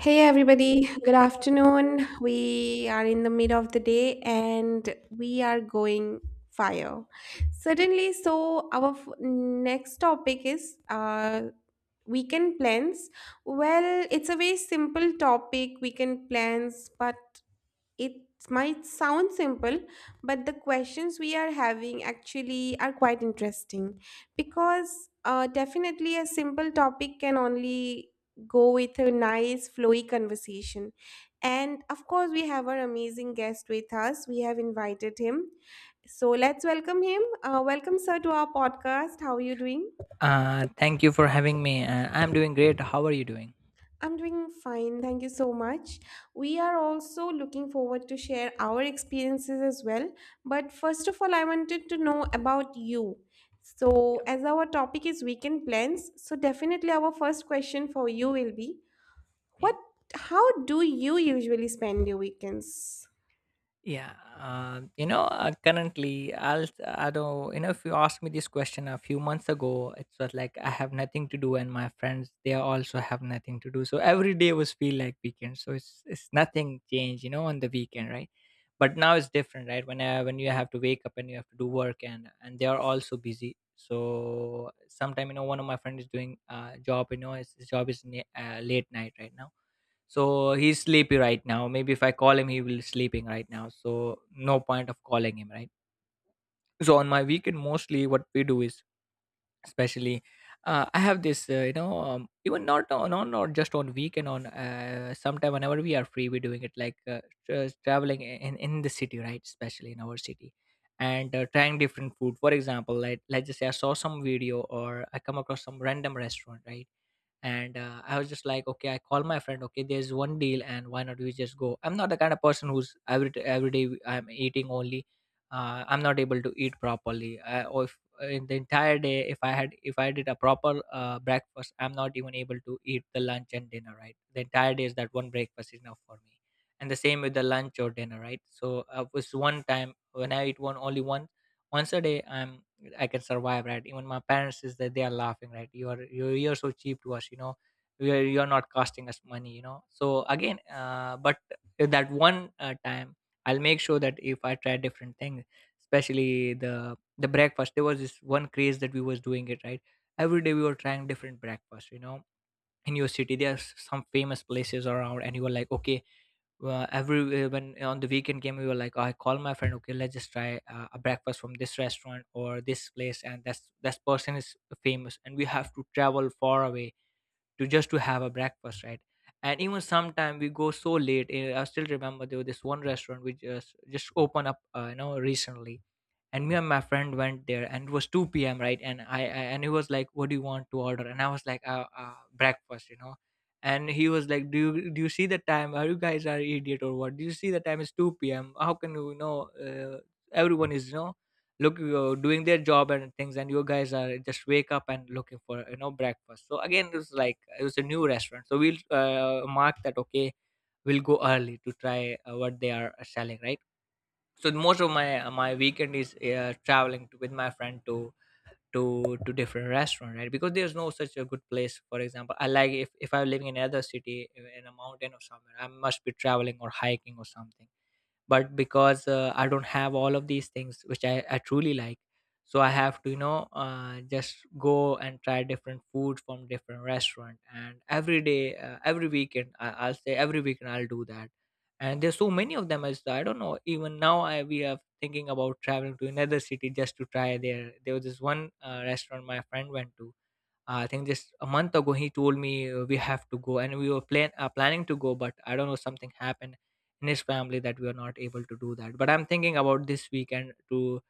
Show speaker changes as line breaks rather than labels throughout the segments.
Hey everybody, good afternoon. We are in the mid of the day and we are going fire. Certainly, so our next topic is weekend plans. Well, it's a very simple topic, weekend plans, but it might sound simple, but the questions we are having actually are quite interesting because definitely a simple topic can only go with a nice, flowy conversation. And of course, we have our amazing guest with us. We have invited him. So let's welcome him. Welcome, sir, to our podcast. How are you doing?
Thank you for having me. I'm doing great. How are you doing?
I'm doing fine, thank you so much. We are also looking forward to share our experiences as well. But first of all, I wanted to know about you. So,
Yeah.
as our topic is weekend plans, so definitely our first question for you will be,
Yeah.
what how do you usually spend your weekends?
Yeah, currently, I don't, if you asked me this question a few months ago, it was like I have nothing to do, and my friends they also have nothing to do. So every day was feel like weekend. So it's nothing changed, on the weekend, right? But now it's different, right? When you have to wake up and you have to do work, and they are also busy. So sometime, one of my friend is doing job, his job is late night right now, so he's sleepy right now. Maybe if I call him, he will sleeping right now. So no point of calling him, right? So on my weekend, mostly what we do is, especially, I have this, even not on, on not just on weekend, on sometime whenever we are free, we're doing it like traveling in the city, right? Especially in our city, and trying different food. For example, like let's just say I saw some video or I come across some random restaurant, right? And I was just like, okay, I call my friend, okay, there's one deal and why not we just go. I'm not the kind of person who's every day I'm eating only. I'm not able to eat properly. Or if in the entire day, if I had, if I did a proper breakfast, I'm not even able to eat the lunch and dinner, right? The entire day is that one breakfast is enough for me, and the same with the lunch or dinner, right? So it's one time when I eat one once a day. I can survive, right? Even my parents is that they are laughing, right? You're so cheap to us, you know, you're not costing us money, so again but that one time I'll make sure that if I try different things, especially the breakfast. There was this one craze that we was doing it, right? Every day we were trying different breakfast, in your city there are some famous places around and you were like, okay, every when on the weekend game we were like, I call my friend, okay, let's just try a breakfast from this restaurant or this place, and that's that person is famous and we have to travel far away to just to have a breakfast, right? And even sometime we go so late. I still remember there was this one restaurant which just opened up recently, and me and my friend went there and it was 2 p.m right. and I And he was like, what do you want to order? And I was like, breakfast, and he was like, do you see the time? Are you guys are idiot or what? Do you see the time is 2 p.m? How can you, you know everyone is, look, doing their job and things, and you guys are just wake up and looking for, breakfast. So again it was like it was a new restaurant, so we'll mark that, okay, we'll go early to try what they are selling, right? So most of my weekend is traveling to, with my friend to to different restaurant, right? Because there's no such a good place. For example, I like, if I'm living in another city in a mountain or somewhere, I must be traveling or hiking or something. But because I don't have all of these things which I truly like, so I have to, just go and try different food from different restaurant. And every weekend, I'll say every weekend I'll do that. And there's so many of them. As I don't know, even now I we are thinking about traveling to another city just to try. There was this one restaurant my friend went to. I think just a month ago he told me, we have to go, and we were planning to go, but I don't know, something happened in his family that we are not able to do that. But I'm thinking about this weekend to.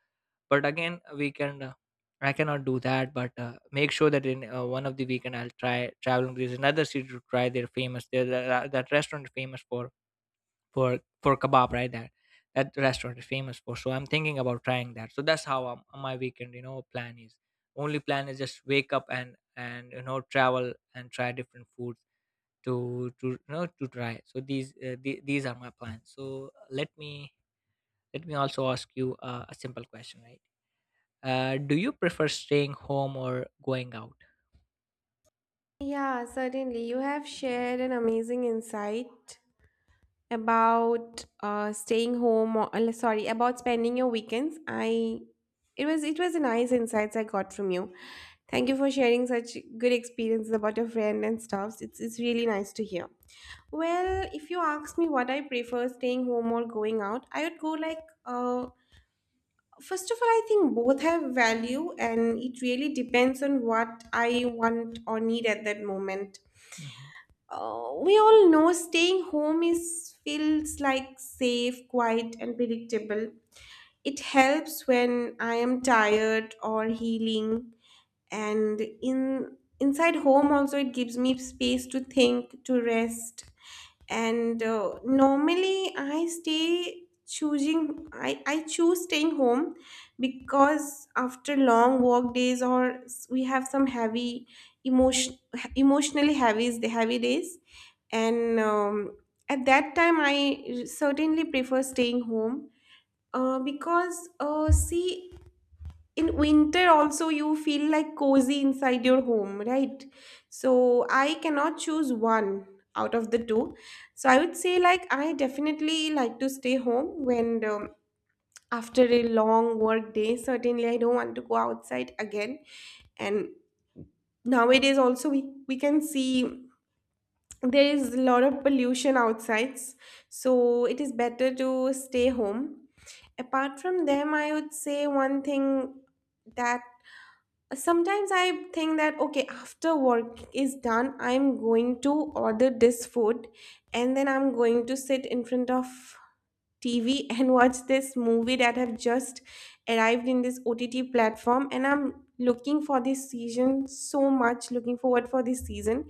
But again weekend, I cannot do that. But make sure that in one of the weekend I'll try traveling to another city to try their famous, that restaurant is famous for for kebab, right? That restaurant is famous for. So I'm thinking about trying that. So that's how, my weekend, plan is, only plan is just wake up and travel and try different foods to, to try. So these, these are my plans. So let me also ask you a simple question, right? Do you prefer staying home or going out?
Yeah, certainly. You have shared an amazing insight about staying home or, sorry, about spending your weekends. I it was it was a nice insights I got from you. Thank you for sharing such good experiences about your friend and stuff. It's really nice to hear. Well, if you ask me what I prefer, staying home or going out, I would go like, first of all, I think both have value and it really depends on what I want or need at that moment.
Mhm.
We all know staying home is feels like safe, quiet, and predictable. It helps when I am tired or healing, and in inside home also it gives me space to think, to rest, and normally, I choose staying home because after long work days, or we have some heavy emotion emotionally heavy days. And at that time I certainly prefer staying home. Because see, in winter also you feel like cozy inside your home, right? So I cannot choose one out of the two. So I would say, like, I definitely like to stay home when, after a long work day, certainly I don't want to go outside again. And nowadays also, we can see there is a lot of pollution outside, so it is better to stay home. Apart from them, I would say one thing, that sometimes I think that, okay, after work is done, I'm going to order this food, and then I'm going to sit in front of TV and watch this movie that have just arrived in this OTT platform. And I'm looking for this season, so much looking forward for this season.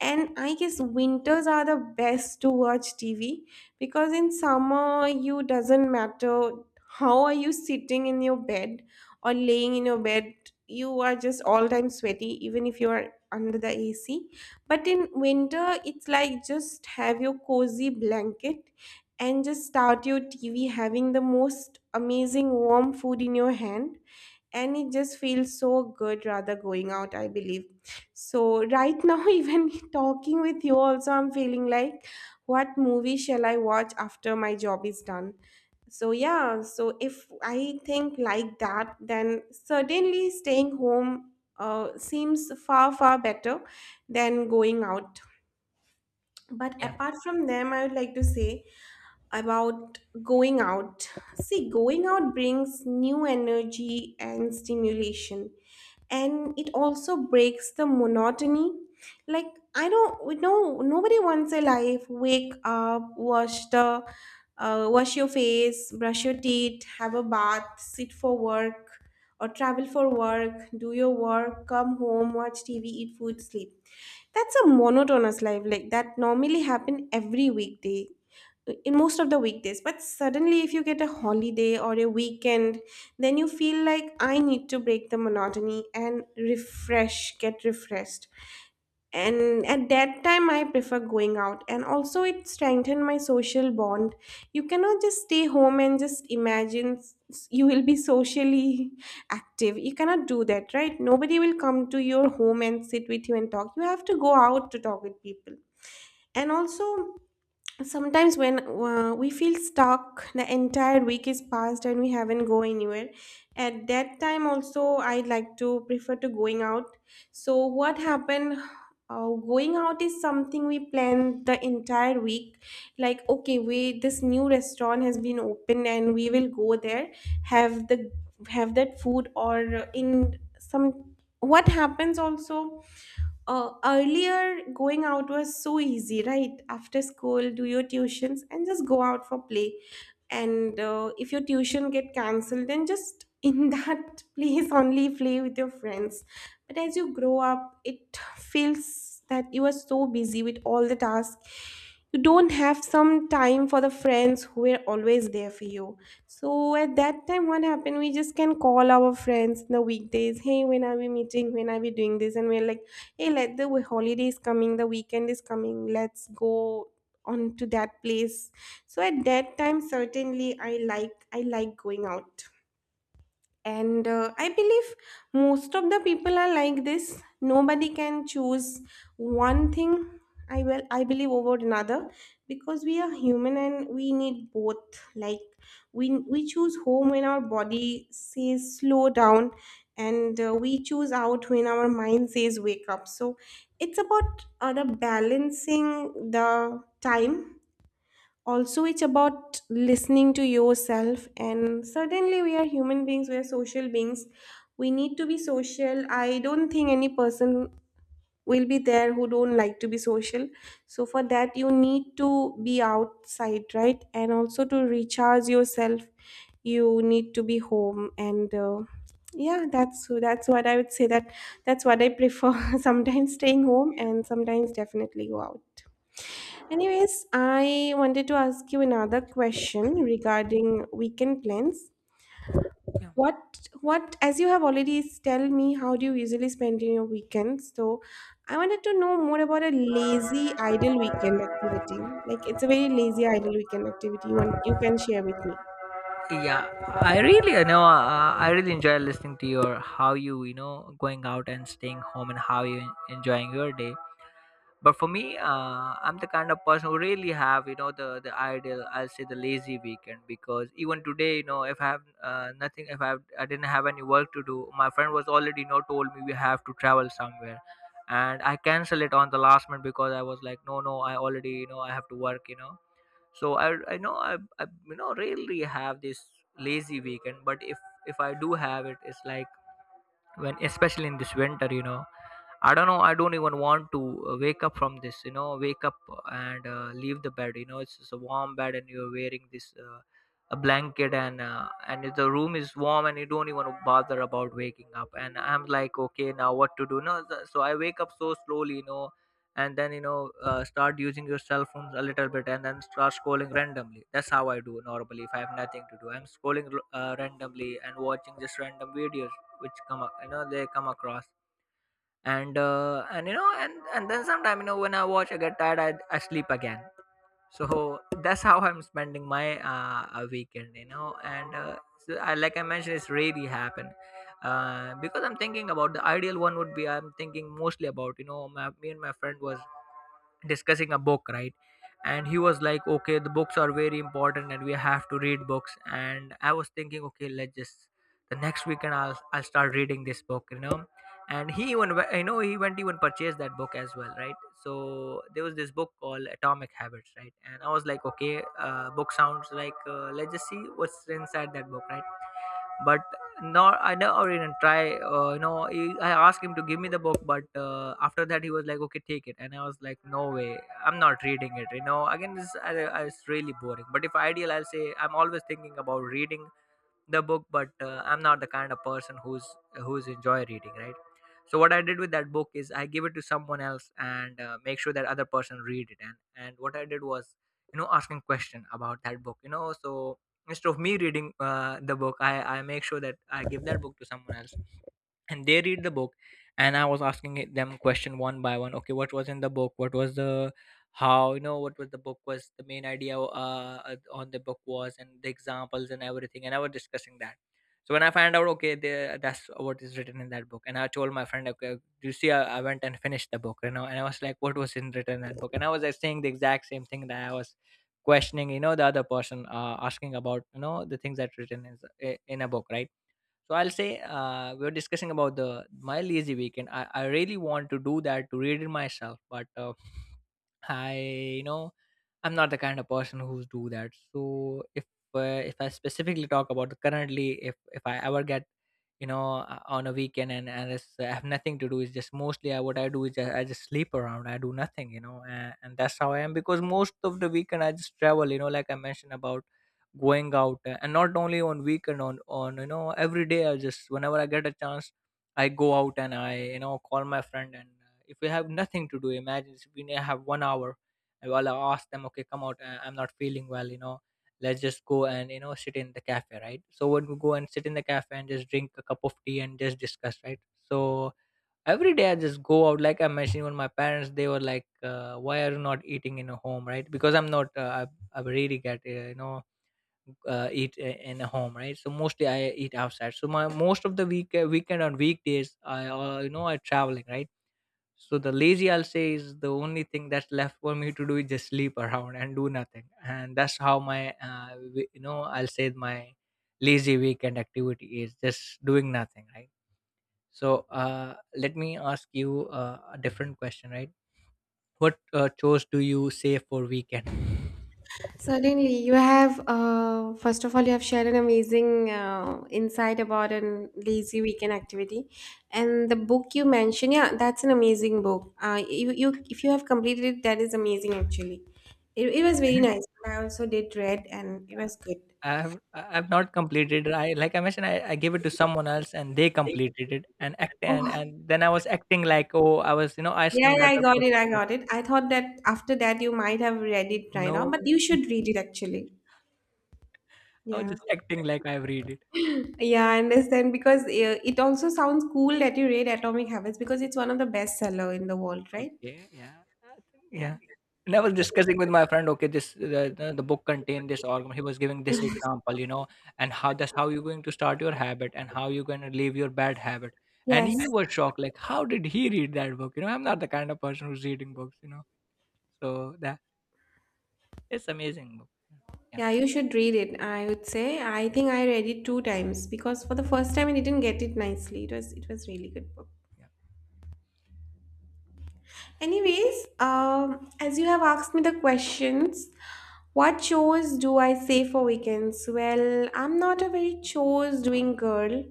And I guess winters are the best to watch TV, because in summer, you doesn't matter how are you sitting in your bed or laying in your bed, you are just all time sweaty, even if you are under the AC. But in winter, it's like, just have your cozy blanket and just start your TV, having the most amazing warm food in your hand. And it just feels so good rather going out, I believe. So right now, even talking with you also, I'm feeling like, what movie shall I watch after my job is done? So yeah, so if I think like that, then certainly staying home seems far, far better than going out. But
Yeah,
apart from them, I would like to say about going out. See, going out brings new energy and stimulation, and it also breaks the monotony. Like, I don't we know nobody wants a life — wake up, wash the wash your face, brush your teeth, have a bath, sit for work or travel for work, do your work, come home, watch TV, eat food, sleep. That's a monotonous life, like that normally happen every weekday, in most of the weekdays. But suddenly, if you get a holiday or a weekend, then you feel like, I need to break the monotony and refresh get refreshed. And at that time, I prefer going out. And also, it strengthened my social bond. You cannot just stay home and just imagine, you will be socially active. You cannot do that, right? Nobody will come to your home and sit with you and talk. You have to go out to talk with people. And also, sometimes when, we feel stuck, the entire week is passed and we haven't go anywhere. At that time also, I like to prefer to going out. So what happened? Going out is something we plan the entire week. Like, okay, we this new restaurant has been opened and we will go there, have the have that food, or in some, what happens also, earlier going out was so easy, right? After school, do your tuitions and just go out for play. And if your tuition get cancelled, then just in that place only play with your friends. But as you grow up, it feels that you are so busy with all the tasks. You don't have some time for the friends who were always there for you. So at that time, what happened? We just can call our friends in the weekdays. Hey, when are we meeting? When are we doing this? And we're like, hey, let the holiday is coming. The weekend is coming. Let's go on to that place. So at that time, certainly, I like going out. And I believe most of the people are like this. Nobody can choose one thing, I believe, over another. Because we are human and we need both. Like, we choose home when our body says slow down, and we choose out when our mind says wake up. So it's about, the balancing the time. Also it's about listening to yourself. And certainly, we are human beings, we are social beings. We need to be social. I don't think any person will be there who don't like to be social. So for that, you need to be outside, right? And also, to recharge yourself, you need to be home. And yeah, that's what I would say, that that's what I prefer. Sometimes staying home, and sometimes definitely go out. Anyways, I wanted to ask you another question regarding weekend plans.
yeah.
What, as you have already tell me, how do you usually spend in your weekends? So, I wanted to know more about a lazy idle weekend activity. Like, it's a very lazy idle weekend activity. You want, you can share with me.
Yeah, I really enjoy listening to your, how you, you know going out and staying home and how you enjoying your day. But for me, I'm the kind of person who really have, the ideal, I'll say, the lazy weekend. Because even today, if I have nothing, if I, have, I didn't have any work to do. My friend was already, told me we have to travel somewhere, and I cancel it on the last minute because I was like, no, no, I already, I have to work, so I know, I you know really have this lazy weekend. But if I do have it, it's like, when, especially in this winter, I don't know, I don't even want to wake up from this, wake up and leave the bed. It's just a warm bed and you're wearing this, a blanket, and if the room is warm and you don't even bother about waking up. And I'm like, okay, now what to do? No th- So I wake up so slowly, and then, start using your cell phone a little bit, and then start scrolling randomly. That's how I do normally. If I have nothing to do, I'm scrolling randomly and watching just random videos which come up, they come across. And then sometime, when I watch, I get tired, I sleep again. So that's how I'm spending my weekend, you know and so like I mentioned, it's really happened, because I'm thinking about the ideal one would be. I'm thinking mostly about, me and my friend was discussing a book, right? And he was like, okay, the books are very important and we have to read books. And I was thinking, okay, let's just, the next weekend I'll, start reading this book, and he even, he went even purchased that book as well, right? So there was this book called Atomic Habits, right? And I was like, okay, book sounds like, let's just see what's inside that book, right? But no, I never even try, I asked him to give me the book, but after that he was like, okay, take it. And I was like, no way, I'm not reading it, again this, it's really boring. But if ideal, I'll say I'm always thinking about reading the book, but I'm not the kind of person who's, enjoy reading, right? So what I did with that book is I give it to someone else, and make sure that other person read it. And what I did was, asking question about that book, so instead of me reading the book, I make sure that I give that book to someone else, and they read the book. And I was asking them question one by one, okay, what was in the book, what was the, how you know what was the book was the main idea, on the book was, and the examples and everything. And I was discussing that. So when I find out, okay, that's what is written in that book. And I told my friend, okay, do you see, I went and finished the book, you know, and I was like, what was in written in that book? And I was like, saying the exact same thing that I was questioning, the other person, asking about, the things that written in a book, right? So I'll say we are discussing about the my lazy weekend. I really want to do that, to read it myself, but I you know I'm not the kind of person who's do that. So if I specifically talk about currently, if I ever get, on a weekend, and I have nothing to do, is just mostly what I do is I just sleep around, I do nothing, you know. And that's how I am, because most of the weekend I just travel, you know, like I mentioned about going out. Uh, and not only on weekend, on you know, every day I just, whenever I get a chance, I go out and I, you know, call my friend. And if we have nothing to do, imagine if we may have 1 hour, I will ask them, okay, come out, I'm not feeling well, you know, let's just go and, you know, sit in the cafe, right? So when we go and sit in the cafe and just drink a cup of tea and just discuss, right? So every day I just go out, like I mentioned. When my parents, they were like, why are you not eating in a home, right? Because I'm not I really get eat in a home, right? So mostly I eat outside. So my most of the weekend, on weekdays, I you know, I traveling, right? So the lazy, I'll say, is the only thing that's left for me to do is just sleep around and do nothing. And that's how my uh, I'll say my lazy weekend activity is just doing nothing, right? So let me ask you a different question, right? What chores do you save for weekend?
Certainly, you have. First of all, you have shared an amazing insight about a lazy weekend activity, and the book you mentioned. Yeah, that's an amazing book. You, if you have completed it, that is amazing. Actually, it was very nice. I also did read, and it was good.
I have not completed. I like I mentioned, I gave it to someone else, and they completed it. And act
Oh,
and then I was acting like, oh, I was, you know,
yeah,
asking the
yeah, I
other
got it.
person,
I
but
got it. I thought that after that you might have read it right
no,
now, but you should read it actually.
I was
Yeah.
just acting like I read it.
Yeah, I understand, because it also sounds cool that you read Atomic Habits, because it's one of the bestseller in the world, right?
Okay, yeah, I think,
Yeah.
yeah. And I was discussing with my friend. Okay, this the book contained this, or he was giving this example, you know, and how that's how you're going to start your habit, and how you're going to leave your bad habit. And he
Yes.
was shocked, like, how did he read that book? You know, I'm not the kind of person who's reading books, you know. So that, it's amazing book. Yeah,
Yeah, you should read it. I would say I think I read it two times, because for the first time I didn't get it nicely. It was really good book.
yeah,
Anyways, as you have asked me the questions, what chores do I save for weekends? Well, I'm not a very chores doing girl,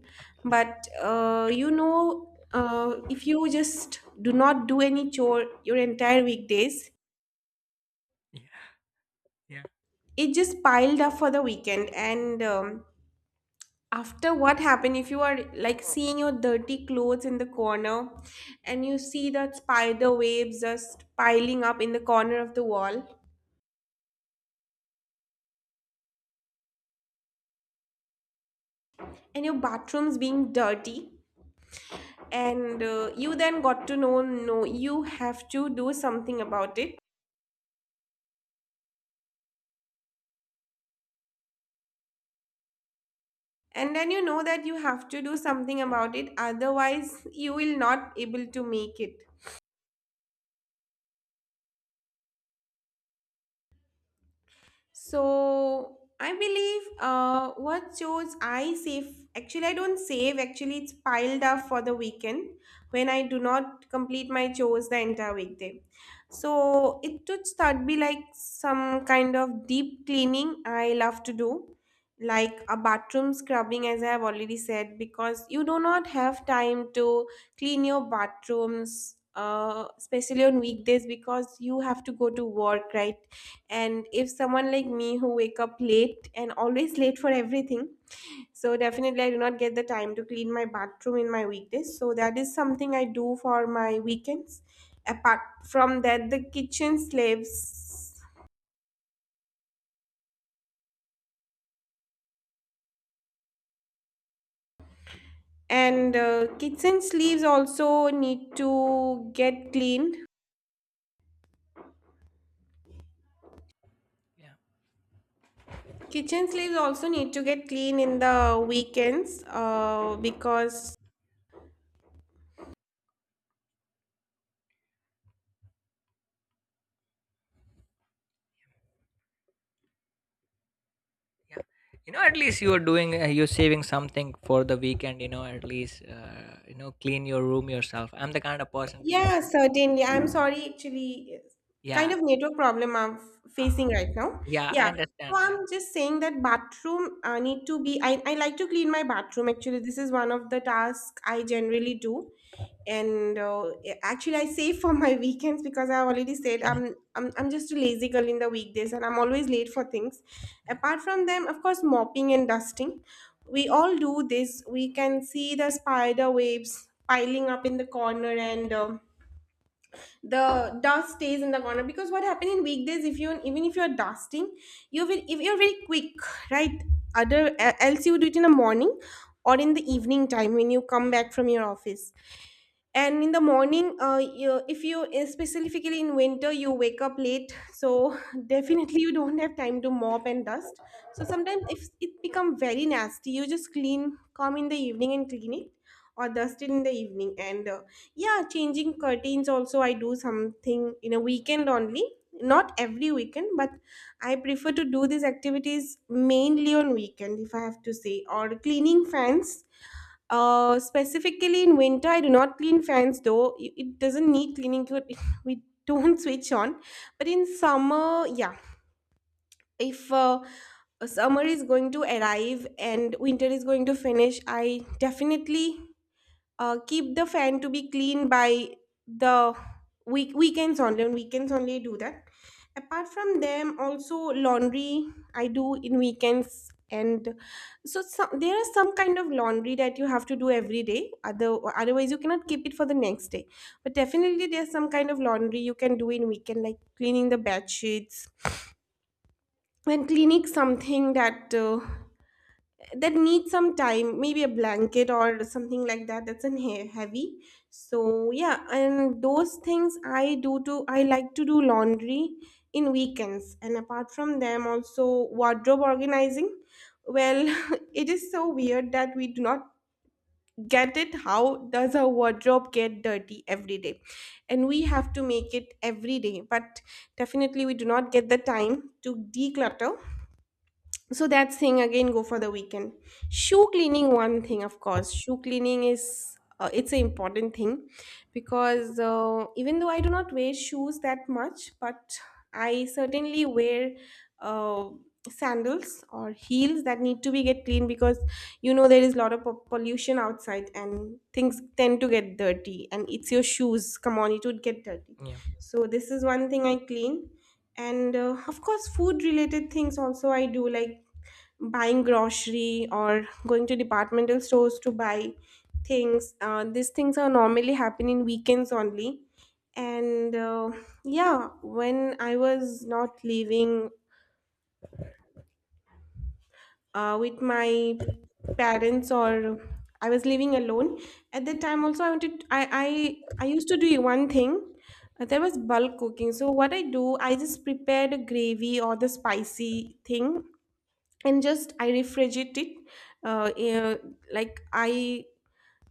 but if you just do not do any chore your entire weekdays,
yeah, yeah,
it just piled up for the weekend. And after what happened, if you are like seeing your dirty clothes in the corner and you see that spider webs just piling up in the corner of the wall, and your bathrooms being dirty. And you then got to know, no, you have to do something about it. And then you know that you have to do something about it, otherwise you will not able to make it. So I believe, what shows I save, actually I don't save, actually it's piled up for the weekend when I do not complete my chores the entire weekday. So it would start be like some kind of deep cleaning I love to do, like a bathroom scrubbing, as I have already said, because you do not have time to clean your bathrooms, especially on weekdays, because you have to go to work, right? And if someone like me who wake up late and always late for everything, so definitely I do not get the time to clean my bathroom in my weekdays. So that is something I do for my weekends. Apart from that, the kitchen slaves, and kitchen sleeves also need to get cleaned.
yeah,
Kitchen sleeves also need to get clean in the weekends, because.
yeah. You know, at least you are doing, you're saving something for the weekend. You know, at least you know, clean your room yourself. I'm the kind of person to be
Yeah,
frank.
certainly. I'm sorry, actually, kind
Yeah,
of network problem I'm
uh,
facing right now.
yeah, I
Yeah. So
understand
I'm
that.
just saying that bathroom need to be. I like to clean my bathroom. Actually, this is one of the tasks I generally do. And actually, I save for my weekends because I already said
Okay.
I'm just a lazy girl in the weekdays, and I'm always late for things. Apart from them, of course, mopping and dusting. We all do this. We can see the spider webs piling up in the corner and. The dust stays in the corner because what happens in weekdays if you even if you're dusting, you will if you're very quick, right, else you do it in the morning or in the evening time when you come back from your office. And in the morning, if you specifically in winter you wake up late, so definitely you don't have time to mop and dust. So sometimes if it become very nasty you just clean, come in the evening and clean it, or dust it in the evening and Yeah, changing curtains also I do something in a weekend only, not every weekend, but I prefer to do these activities mainly on weekend, if I have to say, or cleaning fans. Specifically in winter, I do not clean fans though. It doesn't need cleaning. We don't switch on. But in summer, yeah. If summer is going to arrive and winter is going to finish, I definitely keep the fan to be clean by the week weekends only, on weekends only I do that. Apart from them also, laundry I do in weekends. And so some, there is some kind of laundry that you have to do every day, otherwise you cannot keep it for the next day. But definitely there's some kind of laundry you can do in weekend, like cleaning the bed sheets and cleaning something that that needs some time, maybe a blanket or something like that, that's an heavy. So yeah, and those things I do too. I like to do laundry in weekends. And apart from them also, wardrobe organizing. Well, it is so weird that we do not get it, how does our wardrobe get dirty every day and we have to make it every day. But definitely we do not get the time to declutter, so that's thing again go for the weekend. Shoe cleaning, one thing, of course shoe cleaning is, it's an important thing, because even though I do not wear shoes that much, but I certainly wear uh, sandals or heels that need to be get clean, because you know there is a lot of pollution outside and things tend to get dirty, and it's your shoes, come on, it would get dirty.
Yeah,
So this is one thing I clean. And of course food related things also I do, like buying grocery or going to departmental stores to buy things. These things are normally happen in weekends only. And yeah, when I was not living with my parents, or I was living alone, at that time also I wanted I used to do one thing. There was bulk cooking. So what I do, I just prepared a gravy or the spicy thing, and just I refrigerate it. Uh, eh, like I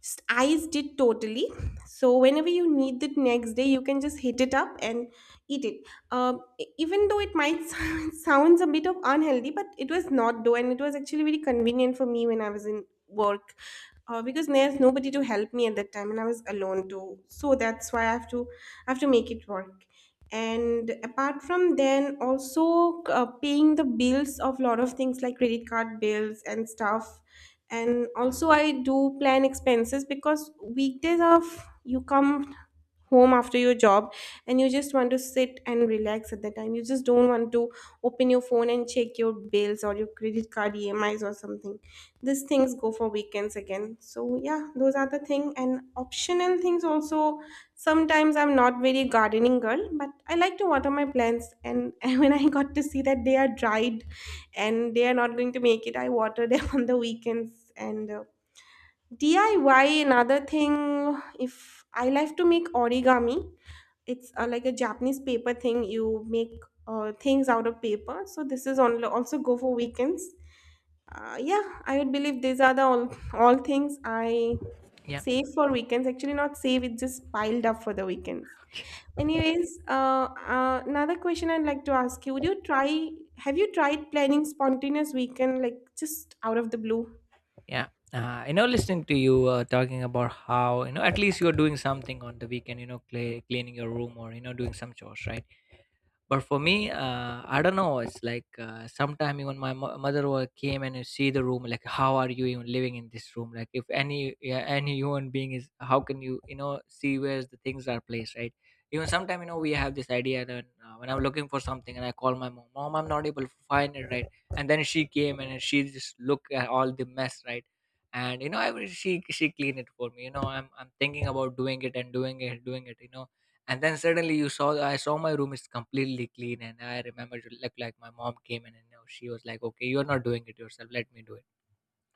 iced it totally. So whenever you need it next day, you can just heat it up and eat it. Even though it might sounds a bit of unhealthy, but it was not though, and it was actually very convenient for me when I was in work, because there's nobody to help me at that time and I was alone too, so that's why I have to make it work. And apart from then also, paying the bills of lot of things like credit card bills and stuff. And also I do plan expenses, because weekdays of you come home after your job and you just want to sit and relax, at that time you just don't want to open your phone and check your bills or your credit card emis or something. These things go for weekends again, so yeah, those are the thing. And optional things also, sometimes, I'm not very gardening girl, but I like to water my plants, and when I got to see that they are dried and they are not going to make it, I water them on the weekends. And DIY, another thing, if I like to make origami, it's like a Japanese paper thing. You make things out of paper. So this is on, also go for weekends. Yeah, I would believe these are the all things I
yeah,
save for weekends. Actually, not save; it's just piled up for the weekends.
okay,
Anyways, another question I'd like to ask you: Would you try? Have you tried planning spontaneous weekend, like just out of the blue?
yeah. You know, listening to you talking about how, you know, at least you're doing something on the weekend. You know, cleaning your room, or you know, doing some chores, right? But for me, I don't know. It's like sometime even my mother came and see the room. Like, how are you even living in this room? Like, if any, yeah, any human being is, how can you, you know, see where the things are placed, right? Even sometime, you know, we have this idea that when I'm looking for something and I call my mom, mom, I'm not able to find it, right? And then she came and she just look at all the mess, right? And you know, I will, she clean it for me. You know, I'm thinking about doing it, and doing it, doing it. You know, and then suddenly you saw, I saw my room is completely clean, and I remember, like my mom came in and you know, she was like, okay, you're not doing it yourself, let me do it.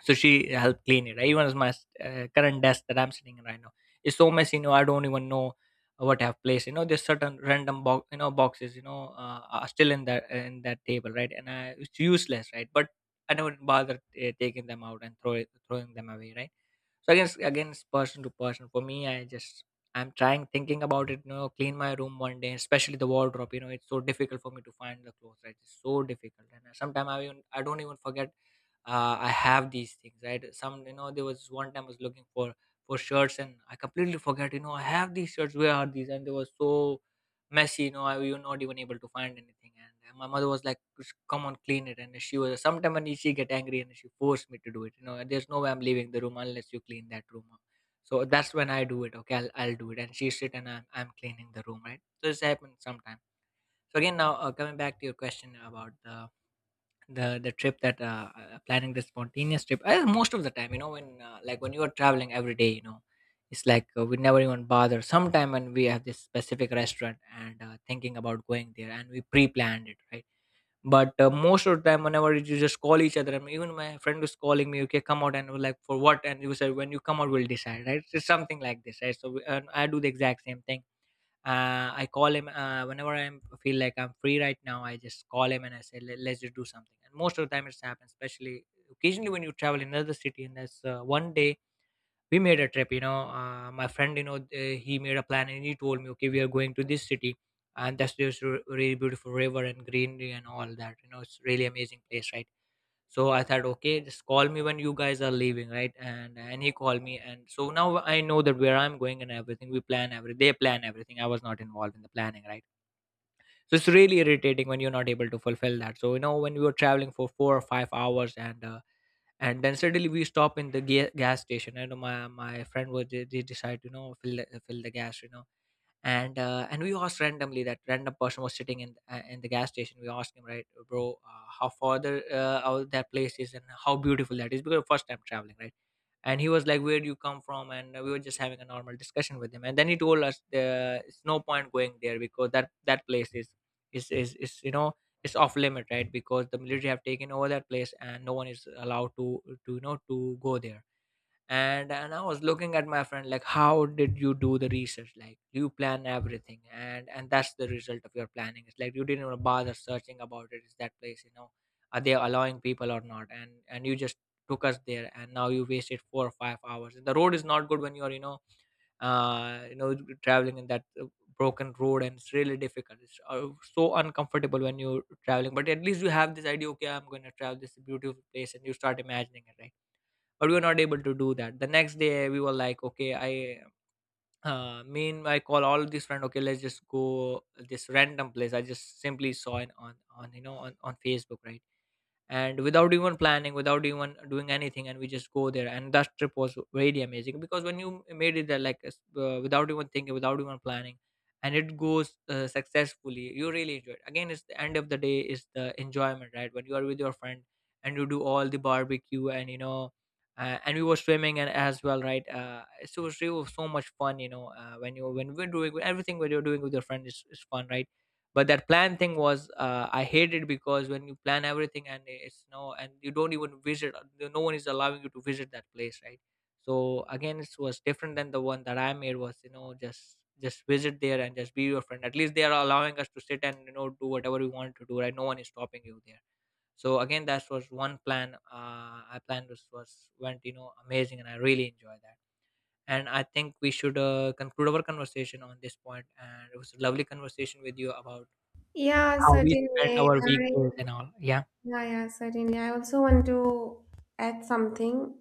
So she helped clean it, right? Even as my current desk that I'm sitting in right now is so messy, you know, I don't even know what I've placed. You know, there's certain random boxes, you know, are still in that, in that table, right? And it's useless, right? But I never bother taking them out and throwing them away, right? So again, again, it's person to person. For me, I just, I'm trying thinking about it, you know, clean my room one day, especially the wardrobe, you know, it's so difficult for me to find the clothes, right? It's so difficult. And sometimes I even, I don't even forget, I have these things, right? Some, you know, there was one time I was looking for shirts, and I completely forget, you know, I have these shirts. Where are these? And they were so messy, you know, I was not even able to find anything. And my mother was like, "Just, come on, clean it." And she was sometime when she get angry, and she forced me to do it. You know, there's no way I'm leaving the room unless you clean that room up. So that's when I do it. Okay, I'll do it. And she sit and I'm cleaning the room, right? So this happens sometime. So again, now coming back to your question about the trip that planning the spontaneous trip, most of the time, you know, when like when you are traveling every day, you know, it's like we never even bother sometime when we have this specific restaurant and thinking about going there and we pre-planned it, right? But most of the time whenever, you just call each other, and even my friend was calling me, okay, come out, and we're like, for what? And you said, when you come out we'll decide, right? It's something like this, right? And I do the exact same thing. I call him whenever I feel like I'm free right now, I just call him and I say, "Let- "Let's just do something." And most of the time, it's happened. Especially occasionally when you travel in another city. And that's one day we made a trip. You know, my friend, you know, he made a plan and he told me, "Okay, we are going to this city." And that's just a really beautiful river and greenery and all that, you know, it's really amazing place, right? So I thought, okay, just call me when you guys are leaving, right? And he called me, and so now I know that where I'm going and everything. They plan everything, I was not involved in the planning, right? So it's really irritating when you're not able to fulfill that. So you know, when we were traveling for 4 or 5 hours, and then suddenly we stop in the gas station. I know my friend was, they decide, you know, fill the gas, you know. And and we asked randomly, that random person was sitting in the gas station, we asked him, right, bro, how farther out that place is, and how beautiful that is, because first time traveling, right? And he was like, where do you come from? And we were just having a normal discussion with him, and then he told us it's no point going there, because that place is, you know, it's off limit, right? Because the military have taken over that place, and no one is allowed to you know, to go there. And I was looking at my friend, like, how did you do the research? Like, you plan everything, and that's the result of your planning. It's like, you didn't even bother searching about it, is that place, you know, are they allowing people or not, and you just took us there, and now you wasted 4 or 5 hours. The road is not good when you're, you know, uh you know traveling in that broken road, and it's really difficult. It's so uncomfortable when you're traveling. But at least you have this idea, okay, I'm going to travel this beautiful place, and you start imagining it, right? But we were not able to do that. The next day we were like, okay, I call all these friends, okay, let's just go this random place, I just simply saw it on, on Facebook, right? And without even planning, without even doing anything, and we just go there. And that trip was really amazing, because when you made it there like, without even thinking, without even planning, and it goes successfully, you really enjoy it. Again, it's the end of the day is the enjoyment, right? When you are with your friend, and you do all the barbecue and you know, and we were swimming and as well, right? So it was so much fun, you know, when you, when we're doing everything, when you're doing with your friend is fun, right? But that plan thing was, I hate it. Because when you plan everything, and it's no, and you don't even visit, no one is allowing you to visit that place, right? So again, it was different than the one that I made was, you know, just visit there and just be your friend, at least they are allowing us to sit and you know do whatever we want to do, right? No one is stopping you there. So again, that was one plan I planned was went, you know, amazing, and I really enjoy that. And I think we should conclude our conversation on this point. And it was a lovely conversation with you about
Yeah,
how we spend
certainly.
our weekdays
I
and all. Yeah,
yeah, yeah, certainly. I also want to add something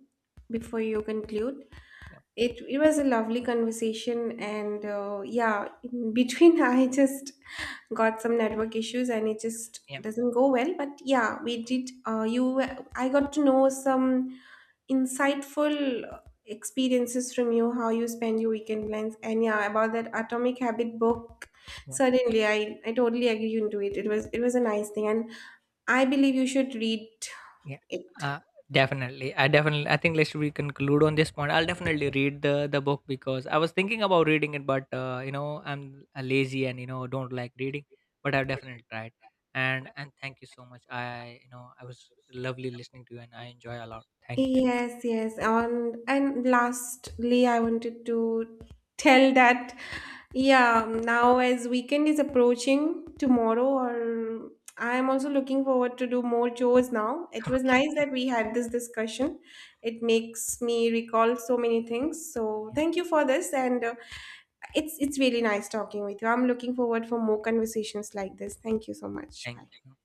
before you conclude.
yeah,
It was a lovely conversation, and yeah, in between I just got some network issues, and it just
yeah,
doesn't go well. But yeah, we did. I got to know some insightful experiences from you, how you spend your weekend plans, and yeah, about that Atomic Habit book.
yeah.
Certainly, I totally agree into it. It was a nice thing, and I believe you should read
Yeah.
it.
Uh, Definitely. I definitely. I think let's we conclude on this point. I'll definitely read the book, because I was thinking about reading it, but you know I'm lazy and you know don't like reading. But I've definitely tried. And thank you so much. I, you know, I was lovely listening to you and I enjoy a lot. Thank you.
Yes, yes. On and lastly, I wanted to tell that yeah, now as weekend is approaching tomorrow, or I'm also looking forward to do more chores now. It was nice that we had this discussion. It makes me recall so many things. So
Yeah,
thank you for this, and it's really nice talking with you. I'm looking forward for more conversations like this. Thank you so much.
thank
Bye.
you.